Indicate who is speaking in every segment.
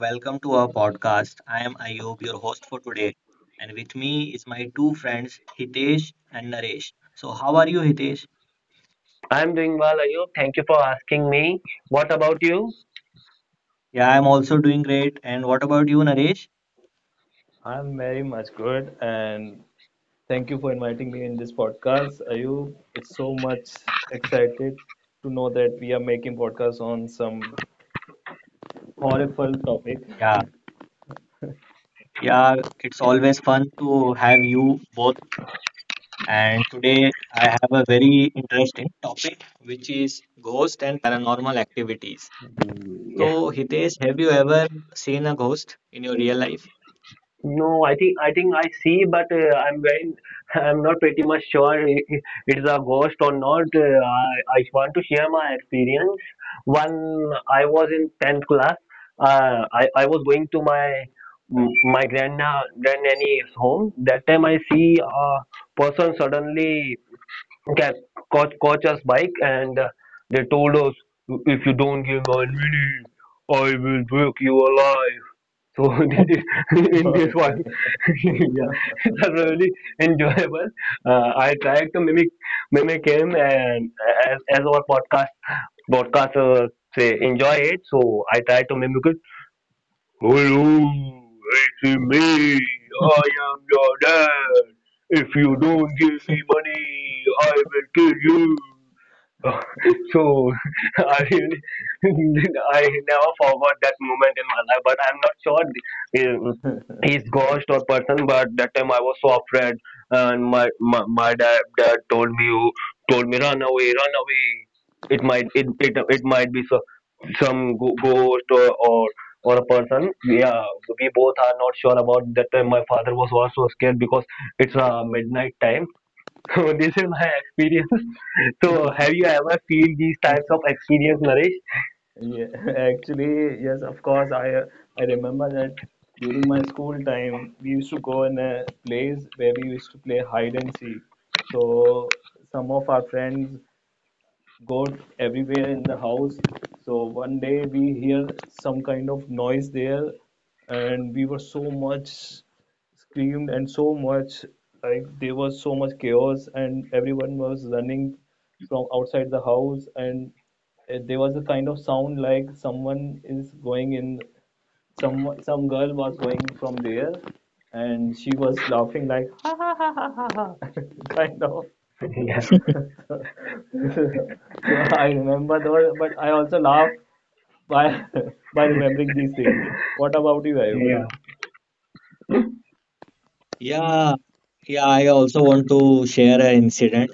Speaker 1: welcome to our podcast. I am Ayub, your host for today, and with me is my two friends Hitesh and Naresh. So, how are you, Hitesh?
Speaker 2: I'm doing well, Ayub. Thank you for asking me. What about you?
Speaker 1: Yeah, I'm also doing great. And what about you, Naresh?
Speaker 3: I'm very much good, and thank you for inviting me in this podcast. Ayub, it's so much excited to know that we are making podcasts on some horrible topic.
Speaker 1: Yeah, yeah, it's always fun to have you both. And today I have a very interesting topic, which is ghost and paranormal activities.
Speaker 2: Mm, yeah.
Speaker 1: So, Hitesh, have you ever seen a ghost in your real life?
Speaker 2: No, I think I think I see, but I'm very I'm not pretty much sure it is a ghost or not. I want to share my experience. When I was in tenth class, I was going to my grandnanny's home. That time I see a person suddenly. Yes, coach us bike, and they told us, if you don't give 9 minutes, I will break you alive. So in this one,
Speaker 3: Okay.
Speaker 2: yeah, it was really enjoyable. I tried to mimic him, and as our podcast broadcasters say, enjoy it. So I tried to mimic it. Hello, it's me. I am your dad. If you don't give me money, I will kill you. So I really, I never forgot that moment in my life. But I'm not sure he's ghost or person. But that time I was so afraid, and my dad told me, run away, run away. It might be some ghost, or a person. Yeah, we both are not sure about that time. My father was also scared because it's a midnight time. So this is my experience. So have you ever feel these types of experience, Naresh?
Speaker 3: Yeah, actually, yes, of course. I I remember that during my school time, we used to go in a place where we used to play hide and seek. So some of our friends god everywhere in the house. So one day we hear some kind of noise there, and we were so much screamed and so much like there was so much chaos and everyone was running from outside the house and there was a kind of sound like someone is going in some girl was going from there and she was laughing like ha ha ha ha ha ha," kind of
Speaker 2: Yeah,
Speaker 3: So I remember those, but I also laugh by by remembering these things. What about you, Ayub?
Speaker 2: yeah,
Speaker 1: Yeah, yeah, I also want to share an incident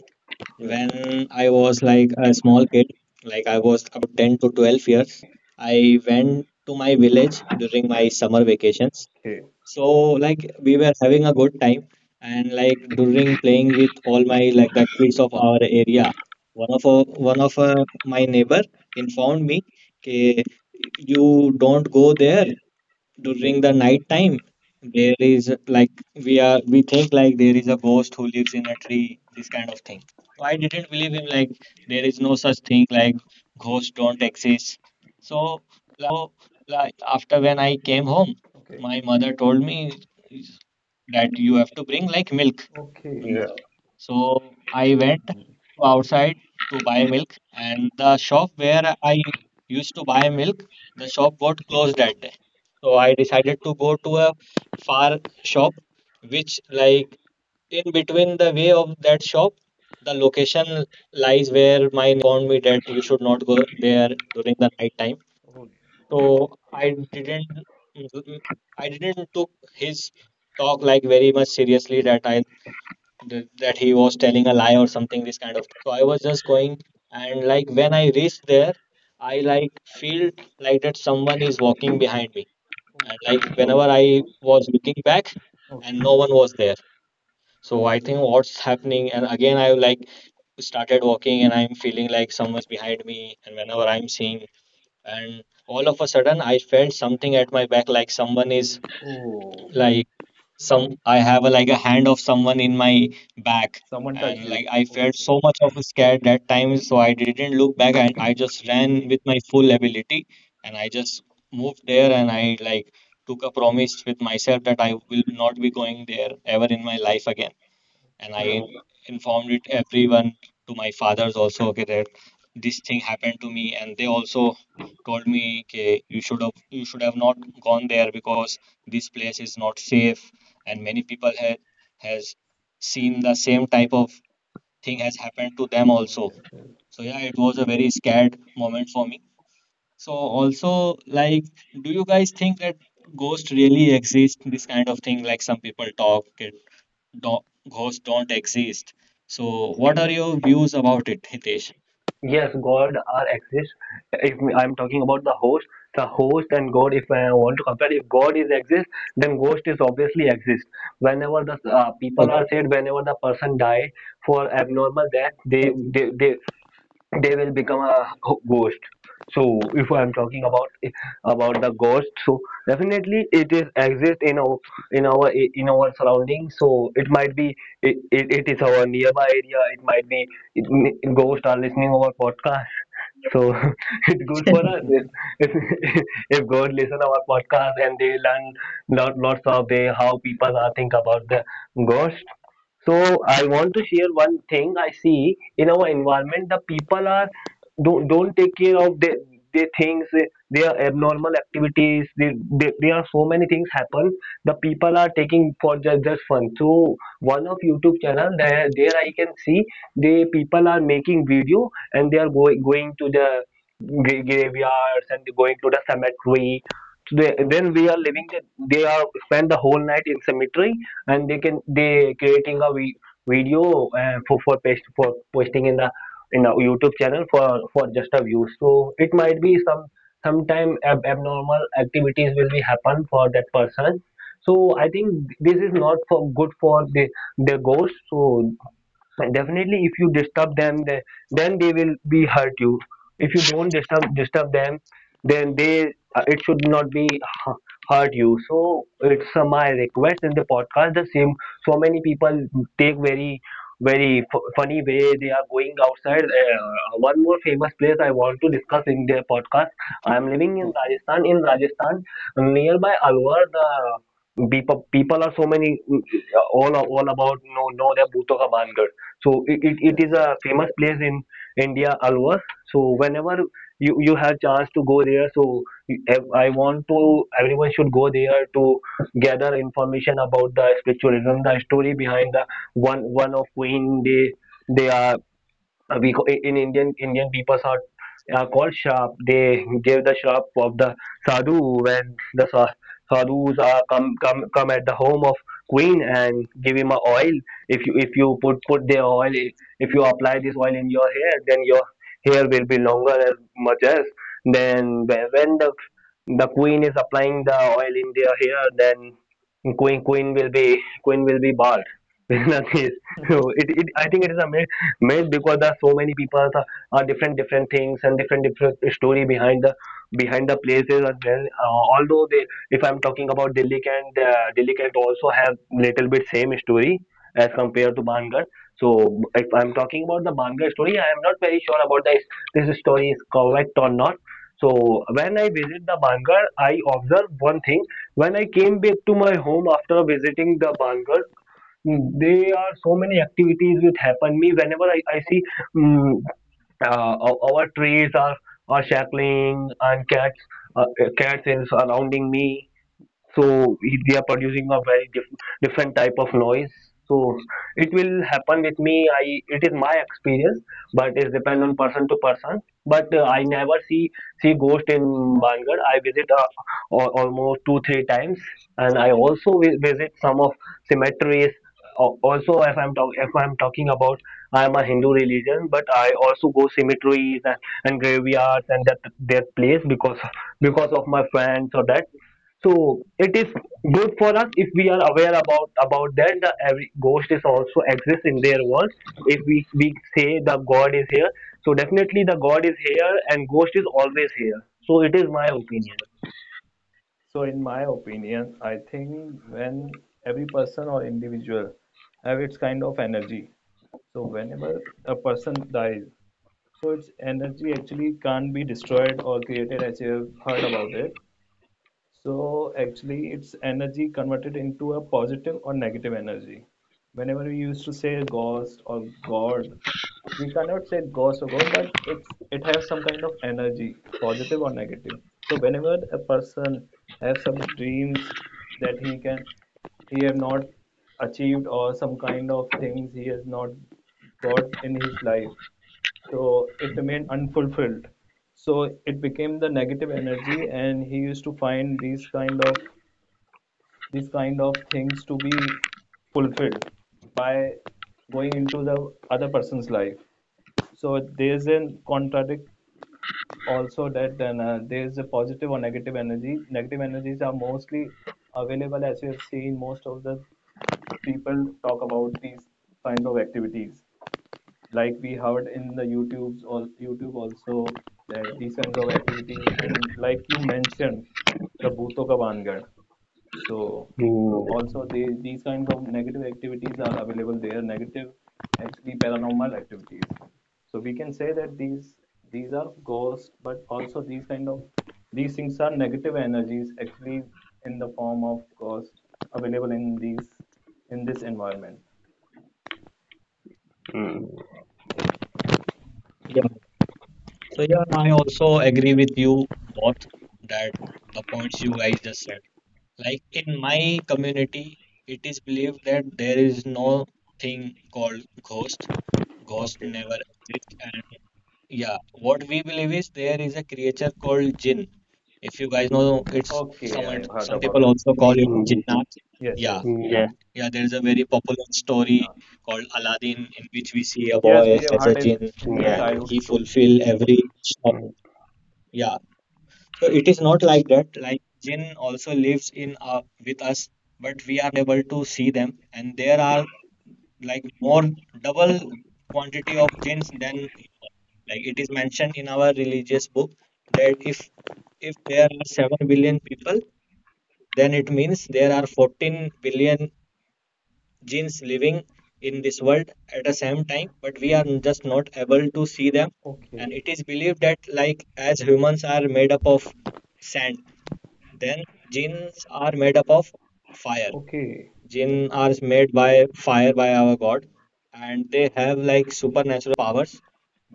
Speaker 3: Yes.
Speaker 1: when I was like a small kid, like I was about 10 to 12 years. I went to my village during my summer vacations.
Speaker 3: Okay.
Speaker 1: So like we were having a good time, and like during playing with all my like the kids of our area, one of my neighbor informed me, "K, you don't go there during
Speaker 3: Okay.
Speaker 1: the night time.
Speaker 3: Okay.
Speaker 1: There is like we think like there is a ghost who lives in a
Speaker 3: Hmm.
Speaker 1: tree." This kind of thing, so I didn't believe him. Like there is no such thing, like ghosts don't exist. So like after, when I came home,
Speaker 3: Okay.
Speaker 1: my mother told me is that you have to bring like milk.
Speaker 3: Okay.
Speaker 2: yeah.
Speaker 1: So I went to
Speaker 3: Mhm.
Speaker 1: outside to buy milk, and the shop where I used to buy milk, the shop got
Speaker 3: Okay.
Speaker 1: closed that day. So I decided to go to a far shop, which like in between the way of that shop, the location lies where my neighbor has informed me that you should not go there during the night time.
Speaker 3: Oh, yeah. Okay.
Speaker 1: So I didn't took his talk like very much seriously. That he was telling a lie or something, this kind of thing. So I was just going, and like when I reached there, I
Speaker 3: Hmm.
Speaker 1: like
Speaker 3: Yes.
Speaker 1: feel like that someone
Speaker 3: Hmm.
Speaker 1: is walking behind me, and like
Speaker 3: Okay.
Speaker 1: whenever I was looking back
Speaker 3: Okay.
Speaker 1: and no one was there. So I think what's happening, and again I like started walking, and I'm feeling like someone is behind me. And whenever I'm seeing, and all of a sudden, I felt something at my back, like someone is
Speaker 3: Oh,
Speaker 1: like some I have a, like a hand of someone in my back,
Speaker 3: someone touched
Speaker 1: and like
Speaker 3: you.
Speaker 1: I felt
Speaker 3: Okay.
Speaker 1: so much of a scare that time. So I didn't look back, and I just ran with my full ability, and I just moved there. And I like took a promise with myself that I will not be going there ever in my life again. And I informed it everyone to my fathers also, okay, that this thing happened to me. And they also told me, okay, you should have, you should have not gone there, because this place is not safe, and many people had has seen the same type of thing has happened to them
Speaker 3: Oh,
Speaker 1: also.
Speaker 3: yes. Yes.
Speaker 1: So yeah, it was a very scared moment for me. So also, like do you guys think that ghost really exist, this kind of thing, like some people talk, okay, do- ghosts don't exist. So, what are your views about it, Hitesh?
Speaker 2: Yes, god are exist. If I'm talking about the host and god, if I want to compare, if god is exist then ghost is obviously exist. Whenever the people are
Speaker 1: Okay.
Speaker 2: said, whenever the person die for abnormal death,
Speaker 1: Okay.
Speaker 2: they, they they will become a ghost. So if I'm talking about the ghost, so definitely it is exist in our surroundings. So it might be, it is our nearby area. It might be, it, ghosts are listening our podcast. So it's good for us if, if god listen our podcast and they learn lots of the how people are think about the ghost. So I want to share one thing I see in our environment. The people are don't take care of their things, their abnormal activities. There are so many things happen. The people are taking for just fun. So one of YouTube channel, there I can see the people are making video, and they are going to the graveyards, and they're going to the cemetery. So then we are living the, they are spend the whole night in cemetery, and they creating a video for posting in the in a YouTube channel for just a view. So it might be sometime abnormal activities will be happen for that person. So I think this is not for good for the ghost. So and definitely if you disturb them then they will be hurt you. If you don't disturb them then they it should not be hu- hurt you. So it's my request in the podcast the same. So many people take very very funny way. They are going outside. One more famous place I want to discuss in their podcast. I am living in
Speaker 3: Okay.
Speaker 2: Rajasthan nearby Alwar. The people are so many. Mm, all about know their Bhutto Ka Bangar. So it is
Speaker 3: Yes.
Speaker 2: a famous place in India, Alwar. So whenever you have chance to go there, so I want to, everyone should go there to gather information about the spiritualism, the story behind the one of Queen. They are, in Indian people are called sharp. They give the sharp of the sadhu, when the sadhus are come at the home of queen and give him a oil. If you put their oil, if you apply this oil in your hair, then your hair will be longer as much as then when the queen is applying the oil in their hair, then queen queen will be queen will be bald. Nothing so, it I think it is a myth made, because there are so many people different different things and different different story behind the places as well. Although, they if I'm talking about Delhi, and Delhi can also have little bit same story as compared to Bangar. So if I'm talking about the Bangar story, I am not very sure about this story is correct or not. So when I visit the Bangar, I observe one thing. When I came back to my home after visiting the Bangar, there are so many activities which happen me, whenever I see, mm, our trees are shackling, and cats is surrounding me. So they are producing a very different type of noise. So it will happen with me. I It is my experience, but it depends on person to person. But I never see ghost in Bangar. I visit almost two three times, and I also visit some of cemeteries. Also, if I'm talking about, I'm a Hindu religion but I also go cemeteries, and graveyards and that place, because of my friends or that. So it is good for us if we are aware about that. The every ghost is also exists in their world. If we say the God is here, so definitely the God is here and ghost is always here. So it is my opinion.
Speaker 3: So, in my opinion, I think when every person or individual have its kind of energy. So, whenever a person dies, so its energy actually can't be destroyed or created as you have heard about it. So actually, it's energy converted into a positive or negative energy. Whenever we used to say ghost or god, we cannot say ghost or god, but it has some kind of energy, positive or negative. So whenever a person have some dreams that he have not achieved or some kind of things he has not got in his life, so it remained unfulfilled. So it became the negative energy, and he used to find these kind of things to be fulfilled by going into the other person's life. So there's a contradict also that then there's a positive or negative energy. Negative energies are mostly available as you have seen most of the people talk about these kinds of activities like we heard in the YouTube's or YouTube also that these kinds of activities and like you mentioned the Bhutto Ka Bangar. So
Speaker 2: Mm,
Speaker 3: also they, these kinds of negative activities are available there. Negative, actually paranormal activities. So we can say that these are ghosts, but also these kind of these things are negative energies actually in the form of ghosts available in these in this environment.
Speaker 2: mm,
Speaker 1: Yeah. So yeah, I also agree with you both that the points you guys just said. Like in my community, it is believed that there is no thing called ghost. Ghost
Speaker 3: Okay.
Speaker 1: never exist. And yeah, what we believe is there is a creature called jinn. If you guys know, it's
Speaker 3: Okay,
Speaker 1: some
Speaker 3: I have heard
Speaker 1: some
Speaker 3: about
Speaker 1: people
Speaker 3: it.
Speaker 1: also call it
Speaker 2: mm,
Speaker 1: jinnat.
Speaker 3: Yes,
Speaker 1: Yeah.
Speaker 3: yes.
Speaker 2: mhm, yeah,
Speaker 1: Yeah, there's a very popular story
Speaker 3: Jinnah.
Speaker 1: called Aladdin, in which we see a
Speaker 3: Yes,
Speaker 1: boy
Speaker 3: we have
Speaker 1: as a
Speaker 3: heard it
Speaker 1: jinn
Speaker 3: in
Speaker 2: yeah,
Speaker 3: the
Speaker 2: yeah,
Speaker 1: and
Speaker 3: childhood
Speaker 1: he
Speaker 3: stories.
Speaker 1: fulfill every. Yeah, so it is not like that. Like jinn also lives in with us, but we are not able to see them. And there are like more double quantity of jinns than human. Like it is mentioned in our religious book that if there are 7 billion people, then it means there are 14 billion genes living in this world at the same time, but we are
Speaker 3: Okay,
Speaker 1: just not able to see them.
Speaker 3: okay,
Speaker 1: And it is believed that like as humans are made up of sand, then genes are made up of fire.
Speaker 3: okay.
Speaker 1: Jinn are made by fire by our God, and they have like supernatural powers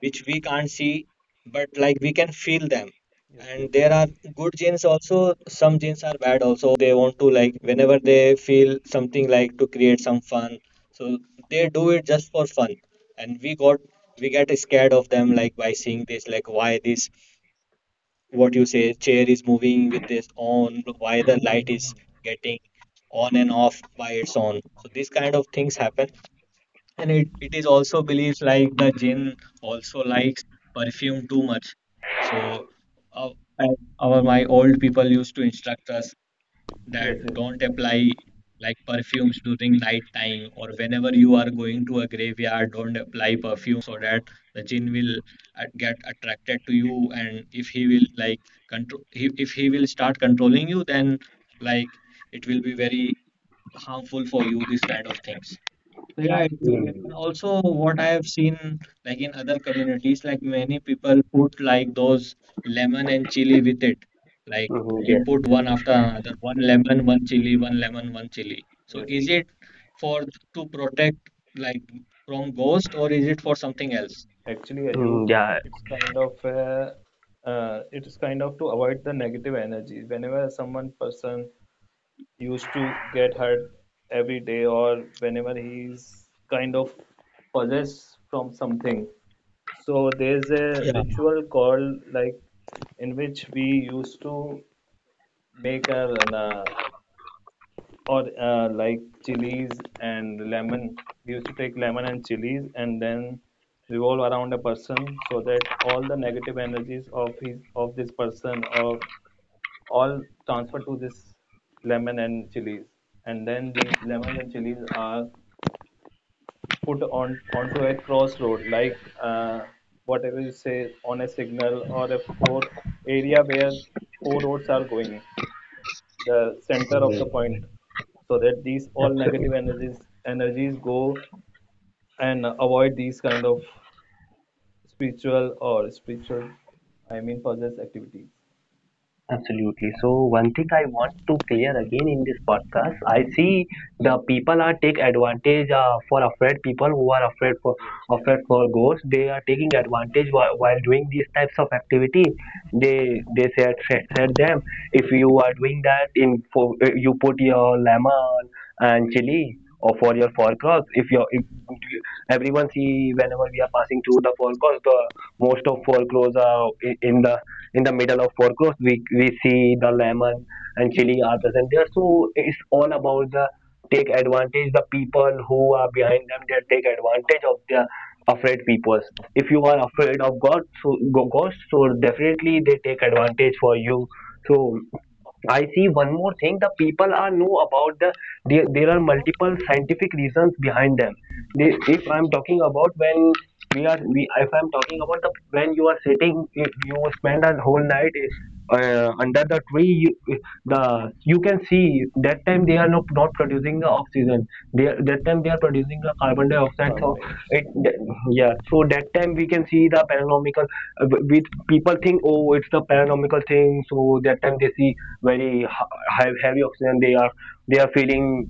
Speaker 1: which we can't see, but like we can feel them.
Speaker 3: Yes, yes.
Speaker 1: And there are good jinns also. Some jinns are bad also. They want to like whenever they feel something like to create some fun, so they do it just for fun. And we get scared of them, like by seeing this, like why this, what you say, chair is moving with this on,
Speaker 3: Oh,
Speaker 1: why the light is getting on and off by its own. So these kind of things happen. And it is also believed like the jinn also likes perfume too much. So uh, I- our my old people used to instruct us that
Speaker 3: yes. Yes, yes,
Speaker 1: don't
Speaker 3: yes,
Speaker 1: apply
Speaker 3: Ayub.
Speaker 1: like perfumes during night time, or whenever you are going to a graveyard, don't apply perfume, so that the jinn will get attracted to you. And if he will like control he, if he will start controlling you, then like it will be very harmful for you, these kind of things. Right.
Speaker 2: mm,
Speaker 1: And also, what I have seen, like in other communities, like many people put like those lemon and chili with it. Like
Speaker 2: mhm,
Speaker 1: they
Speaker 2: yeah,
Speaker 1: put
Speaker 3: Yes,
Speaker 1: one after
Speaker 3: Ayub.
Speaker 1: another, one lemon, one chili, one lemon, one chili. So
Speaker 3: Yes,
Speaker 1: is
Speaker 3: Ayub.
Speaker 1: it for to protect like from ghost, or is it for something else?
Speaker 3: Actually,
Speaker 2: mm,
Speaker 3: Ayub, it's kind of uh, it's kind of to avoid the negative energy. Whenever someone person used to get hurt every day or whenever he's kind of possessed from something. So there's a
Speaker 1: Yeah,
Speaker 3: ritual called like in which we used to make a or like chilies and lemon. We used to take lemon and chilies and then revolve around a person so that all the negative energies of his of this person of all transferred to this lemon and chilies and then these lemons and chilies are put on onto a crossroad like uh, whatever you say on a signal or a four area where four roads are going the center of
Speaker 2: yeah.
Speaker 3: the point so that these all
Speaker 2: Absolutely.
Speaker 3: negative energies go and avoid these kind of spiritual or spiritual I mean possess activities
Speaker 2: Absolutely. So one thing I want to clear again in this podcast, I see the people are take advantage for afraid people who are
Speaker 3: yes, yes.
Speaker 2: afraid for ghosts. They are taking advantage while doing these types of activity. They said them, if you are doing that in for, you put your lemon and chili or for your forecast. If everyone see, whenever we are passing through the forecast, the most of foreclose are in the middle of four course, we see the lemon and chili are present there. So it's all about the take advantage, the people who are behind them, they take advantage of the afraid people. If you are afraid of god, so ghost, so definitely they take advantage for you. So I see one more thing. The people are know about the, there are multiple scientific reasons behind them. If I'm talking about, when we are we if I'm talking about the when you are sitting, if you spend a whole night under the tree, you can see that time they are not producing the oxygen. That time they are producing the carbon dioxide.
Speaker 3: Carbon
Speaker 2: So it
Speaker 3: dioxide.
Speaker 2: yeah, so that time we can see the paranomical, with people think, oh, it's the paranomical thing. So that time they see very high, heavy oxygen. They are feeling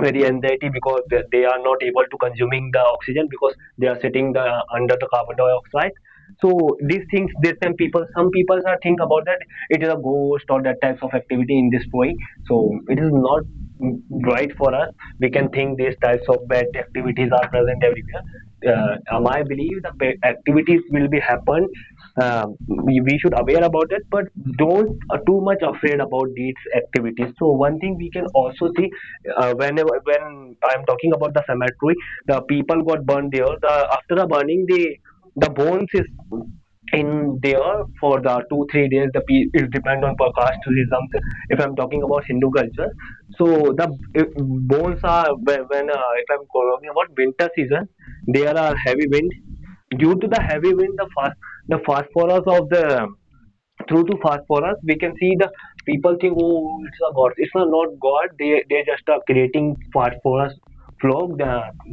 Speaker 2: very anxiety, because they are not able to consuming the oxygen, because they are sitting under the carbon dioxide. So these things, these some people are think about that it is a ghost or that types of activity in this way. So it is not mm, right for us. We can think these types of bad activities are present everywhere. My belief, the activities will be happen. We should aware about it, but don't too much afraid about these activities. So one thing we can also see, when I'm talking about the cemetery, the people got burned there. The after the burning, the bones is in there for the two three days. The it depends on per caste tourism. If I'm talking about Hindu culture, so the, if bones are, if I'm talking about winter season, there are heavy winds. Due to the
Speaker 3: Yeah.
Speaker 2: heavy wind, the fast, the phosphorus of the through to fast for, we can see the people think, oh, it's a god. It's a not god. They just are creating fast for us flow,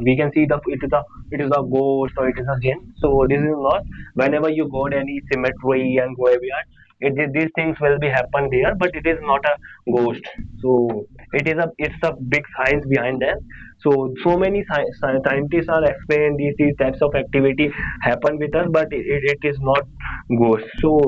Speaker 2: we can see the, it is a ghost or it is a jinn. So this is not, whenever you go to any cemetery and graveyard, it, these things will be happen there, but it is not a ghost. So it is a, it's a big science behind that. So so many scientists are explaining these types of activity happen With us. But it is not ghost, so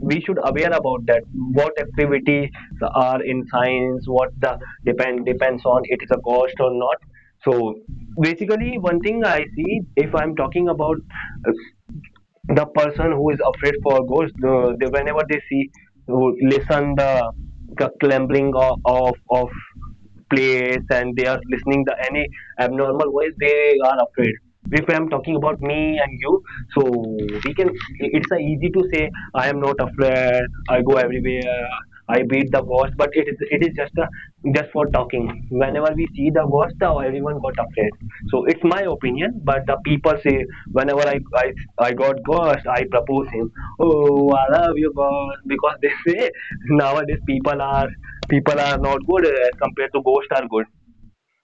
Speaker 2: we should aware about that, what activities are in science, what the depends on, it is a cost or not. So basically one thing I see, if I'm talking about uh, the person who is afraid for ghosts, the whenever they see, who listen the clambering of place and they are listening the any abnormal voice, they are afraid. If I'm talking about me and you, so we can, it's a easy to say I am not afraid, I go everywhere, I beat the ghost. But it is just a just for talking. Whenever we see the ghost, now everyone got afraid. So it's my opinion. But the people say, whenever I got ghost, I propose him, oh I love you ghost, because they say nowadays people are not good as compared to ghosts are good.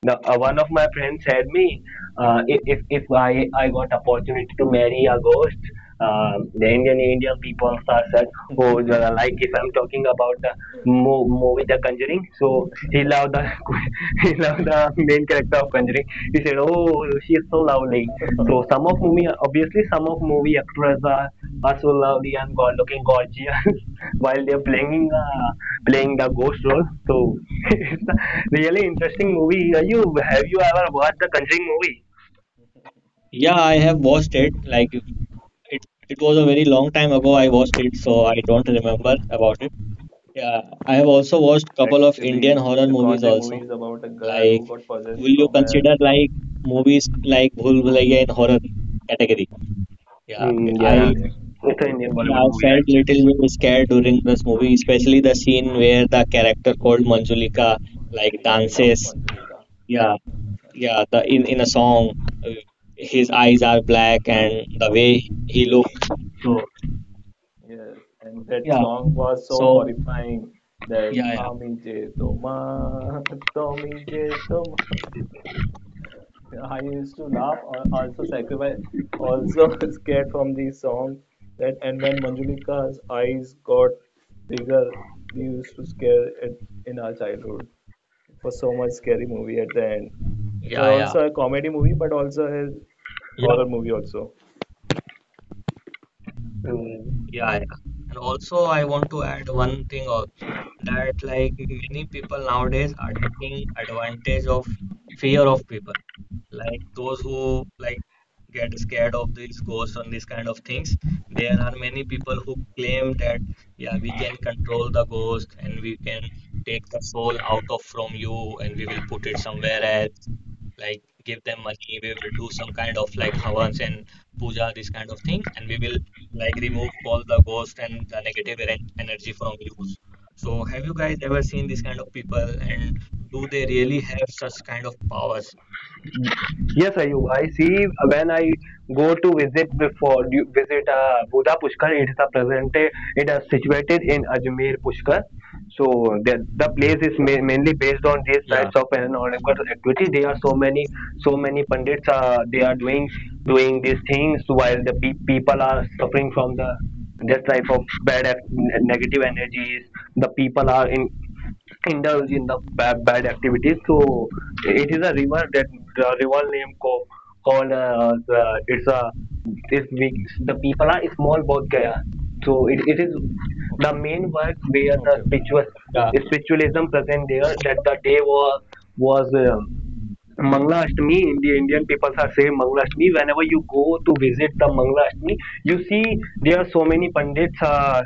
Speaker 2: One of my friends said me, if I got opportunity to marry a ghost, the Indian people are such. Oh, the, like if I'm talking about the movie The Conjuring, so he loved the he loved the main character of Conjuring. He said, oh she is so lovely. So some of movie, obviously some of movie actors are so lovely and god looking gorgeous while they're playing playing the ghost role. So it's a really interesting movie. Are you, have you ever watched the Conjuring movie?
Speaker 1: yeah, I have watched it. Like it was a very long time ago. I watched it, so I don't remember about it. Yeah, I have also watched couple of Indian
Speaker 3: Actually,
Speaker 1: horror
Speaker 3: the
Speaker 1: movies
Speaker 3: Conjuring movie
Speaker 1: also.
Speaker 3: is about a girl who
Speaker 1: Like,
Speaker 3: got possessed
Speaker 1: will you
Speaker 3: from a.
Speaker 1: consider like movies like Bhul Bhulaiya in horror category? Yeah,
Speaker 2: Mm,
Speaker 3: Oh
Speaker 2: yeah,
Speaker 1: I
Speaker 3: yeah,
Speaker 2: it's an Indian
Speaker 1: yeah,
Speaker 2: Bollywood
Speaker 1: I
Speaker 2: movie, right?
Speaker 1: felt little bit scared during this movie, especially the scene where the character called Manjulika like
Speaker 3: Manjulika becomes
Speaker 1: dances.
Speaker 3: Manjulika.
Speaker 1: Yeah, yeah, the in a song, uh, his eyes are black and the way he
Speaker 3: Yes,
Speaker 1: looks. So
Speaker 3: yes, and that
Speaker 1: yeah,
Speaker 3: song was so
Speaker 1: so
Speaker 3: horrifying that
Speaker 1: yeah,
Speaker 3: Ami Je Toma, Tomi Je Toma. I used to laugh, or also sacrifice, also scared from the song that. And when Manjulika's eyes got bigger, we used to scare it in our childhood. It was so much scary movie at the end. It was
Speaker 1: yeah, yeah,
Speaker 3: also a comedy movie, but also a
Speaker 1: yeah.
Speaker 3: horror movie also.
Speaker 2: Mm,
Speaker 1: Yeah, yeah. And also, I want to add one thing also, that like many people nowadays are taking advantage of fear of people. Like those who like get scared of these ghosts and these kind of things. There are many people who claim that yeah, we can control the ghost and we can take the soul out of from you, and we will put it somewhere else. Like give them money, we will do some kind of like havans and puja, this kind of thing, and we will like remove all the ghost and the negative energy from you. So have you guys ever seen this kind of people, and do they really have such kind of powers?
Speaker 2: yes, Ayub. I see, when I go to visit visit Buddha Pushkar, it is a presented, it is situated in Ajmer Pushkar. So the place is mainly based on these
Speaker 1: Yeah.
Speaker 2: types of paranormal activity. There are so many pundits, they are doing these things, while the people are suffering from the this type of bad negative energies. The people are in indulge in the bad activities. So it is a river that the river named Ko, called it's a it's, we the people are small both Gaya. So it is the
Speaker 3: Okay.
Speaker 2: main work where
Speaker 3: Okay.
Speaker 2: the
Speaker 3: Okay.
Speaker 2: spiritualism present there, that the day was Manglashtami, the Indian people are saying Manglashtami. Whenever you go to visit the Manglashtami, you see there are so many pandits. Uh,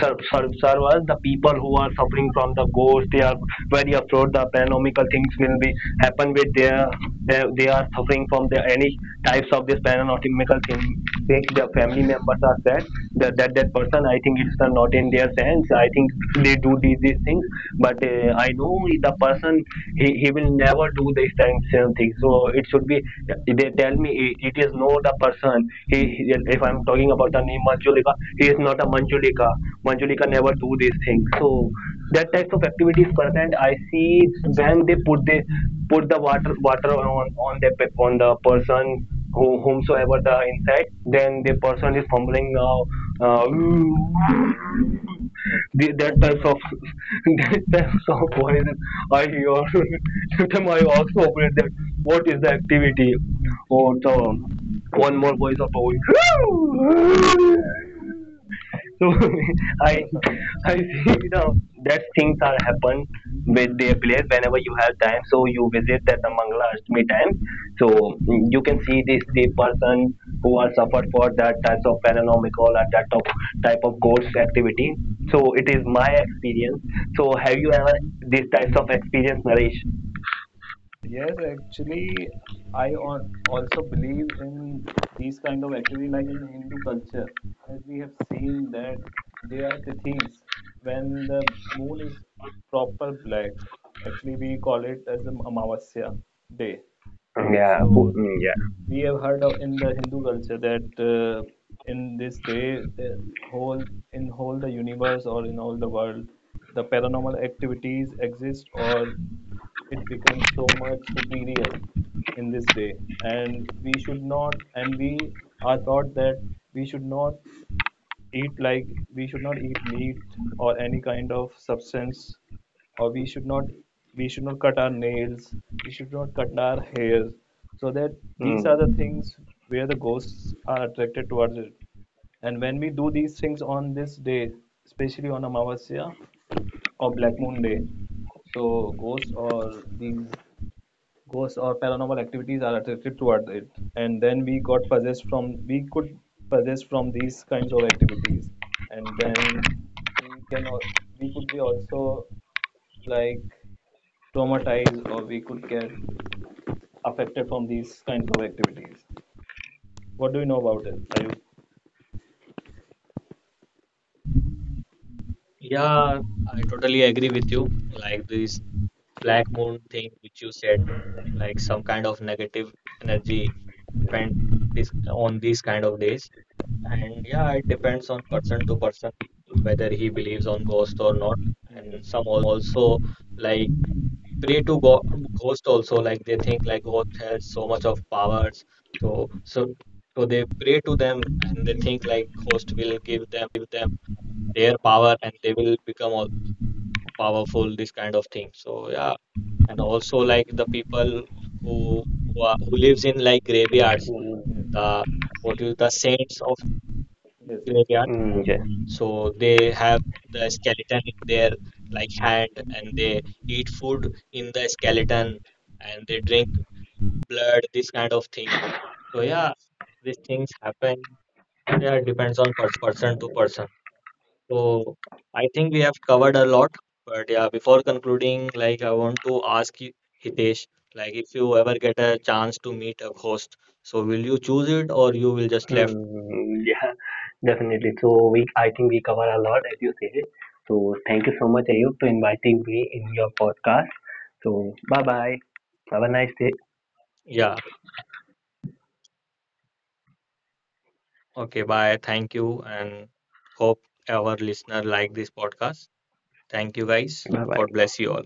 Speaker 2: ser- ser- Servers, the people who are suffering from the ghost, they are very afraid, the paranormal things will be happen with their, they are suffering from the any types of this paranormal thing. They, the family members are sad that person, I think it's not in their sense, I think they do these things. But I know the person, he will never do these time same things. So it should be, they tell me it is no, the person, if I'm talking about the name Manjulika, he is not a Manjulika, Manjulika never do these things. So that types of activities present, I see when they put the water on the on the person who, whomsoever the insect, then the person is fumbling uh,
Speaker 3: Oh,
Speaker 2: that types
Speaker 3: okay.
Speaker 2: of that types of voices I hear. Sometimes I also operate that. What is the activity? Or the one more voice of owl. So I I see the that things are happen with their players. Whenever you have time, so you visit that the Mangala Ashtami time. So mm, you can see this the person who are suffered for that types of paranormal or that of type of ghost activity. So it is my experience. So have you ever these types of experience, Naresh?
Speaker 3: Yes, actually, I on, also believe in these kind of activity, like in Hindu culture, as we have seen that they are the thieves. When the moon is proper black, actually we call it as the Amavasya day.
Speaker 2: Yeah.
Speaker 3: So
Speaker 2: Yeah.
Speaker 3: we have heard of in the Hindu culture that in this day, whole in whole the universe or in all the world, the paranormal activities exist or it becomes so much superior in this day, and we should not, and we are taught that we should not eat like we should not eat meat or any kind of substance or we should not cut our nails we should not cut our hair, so that these are
Speaker 2: Mm.
Speaker 3: the things where the ghosts are attracted towards it and when we do these things on this day especially on Amavasya or black moon day so ghosts or these ghosts or paranormal activities are attracted towards it and then we got possessed from we could possess from these kinds of activities and then we can we could be also like traumatized or we could get affected from these kinds of activities what do you know about it
Speaker 1: Yeah, I totally agree with you. Like this black moon thing which you said, like some kind of negative energy happened this on these kind of days. And yeah, it depends on person to person whether he believes on ghost or not.
Speaker 3: yes
Speaker 1: And some also like pray to go ghost also, like they think like ghost has so much of powers. So so so they pray to them, and they think like ghost will give them their power and they will become powerful, this kind of thing. So yeah, and also like the people who who lives in like graveyards,
Speaker 2: Mm.
Speaker 3: yes
Speaker 1: the what is the saints of
Speaker 3: yes
Speaker 1: graveyard,
Speaker 3: yes
Speaker 2: Mm, yeah.
Speaker 1: so they have the skeleton in their like hand, and they eat food in the skeleton, and they drink blood, this kind of thing. So yeah, these things happen. Yeah, it depends on person to person. So I think we have covered a lot, but yeah, before concluding, like I want to ask you, Hitesh, like if you ever get a chance to meet a ghost, so will you choose it or you will just left?
Speaker 2: Hmm, yeah, definitely. So I think we cover a lot, as you say. So thank you so much, Ayub, to inviting me in your podcast. So bye bye. Have a nice day.
Speaker 1: Yeah. Okay, bye. Thank you, and hope our listener like this podcast. Thank you guys.
Speaker 2: Bye
Speaker 1: God
Speaker 2: bye.
Speaker 1: bless you all.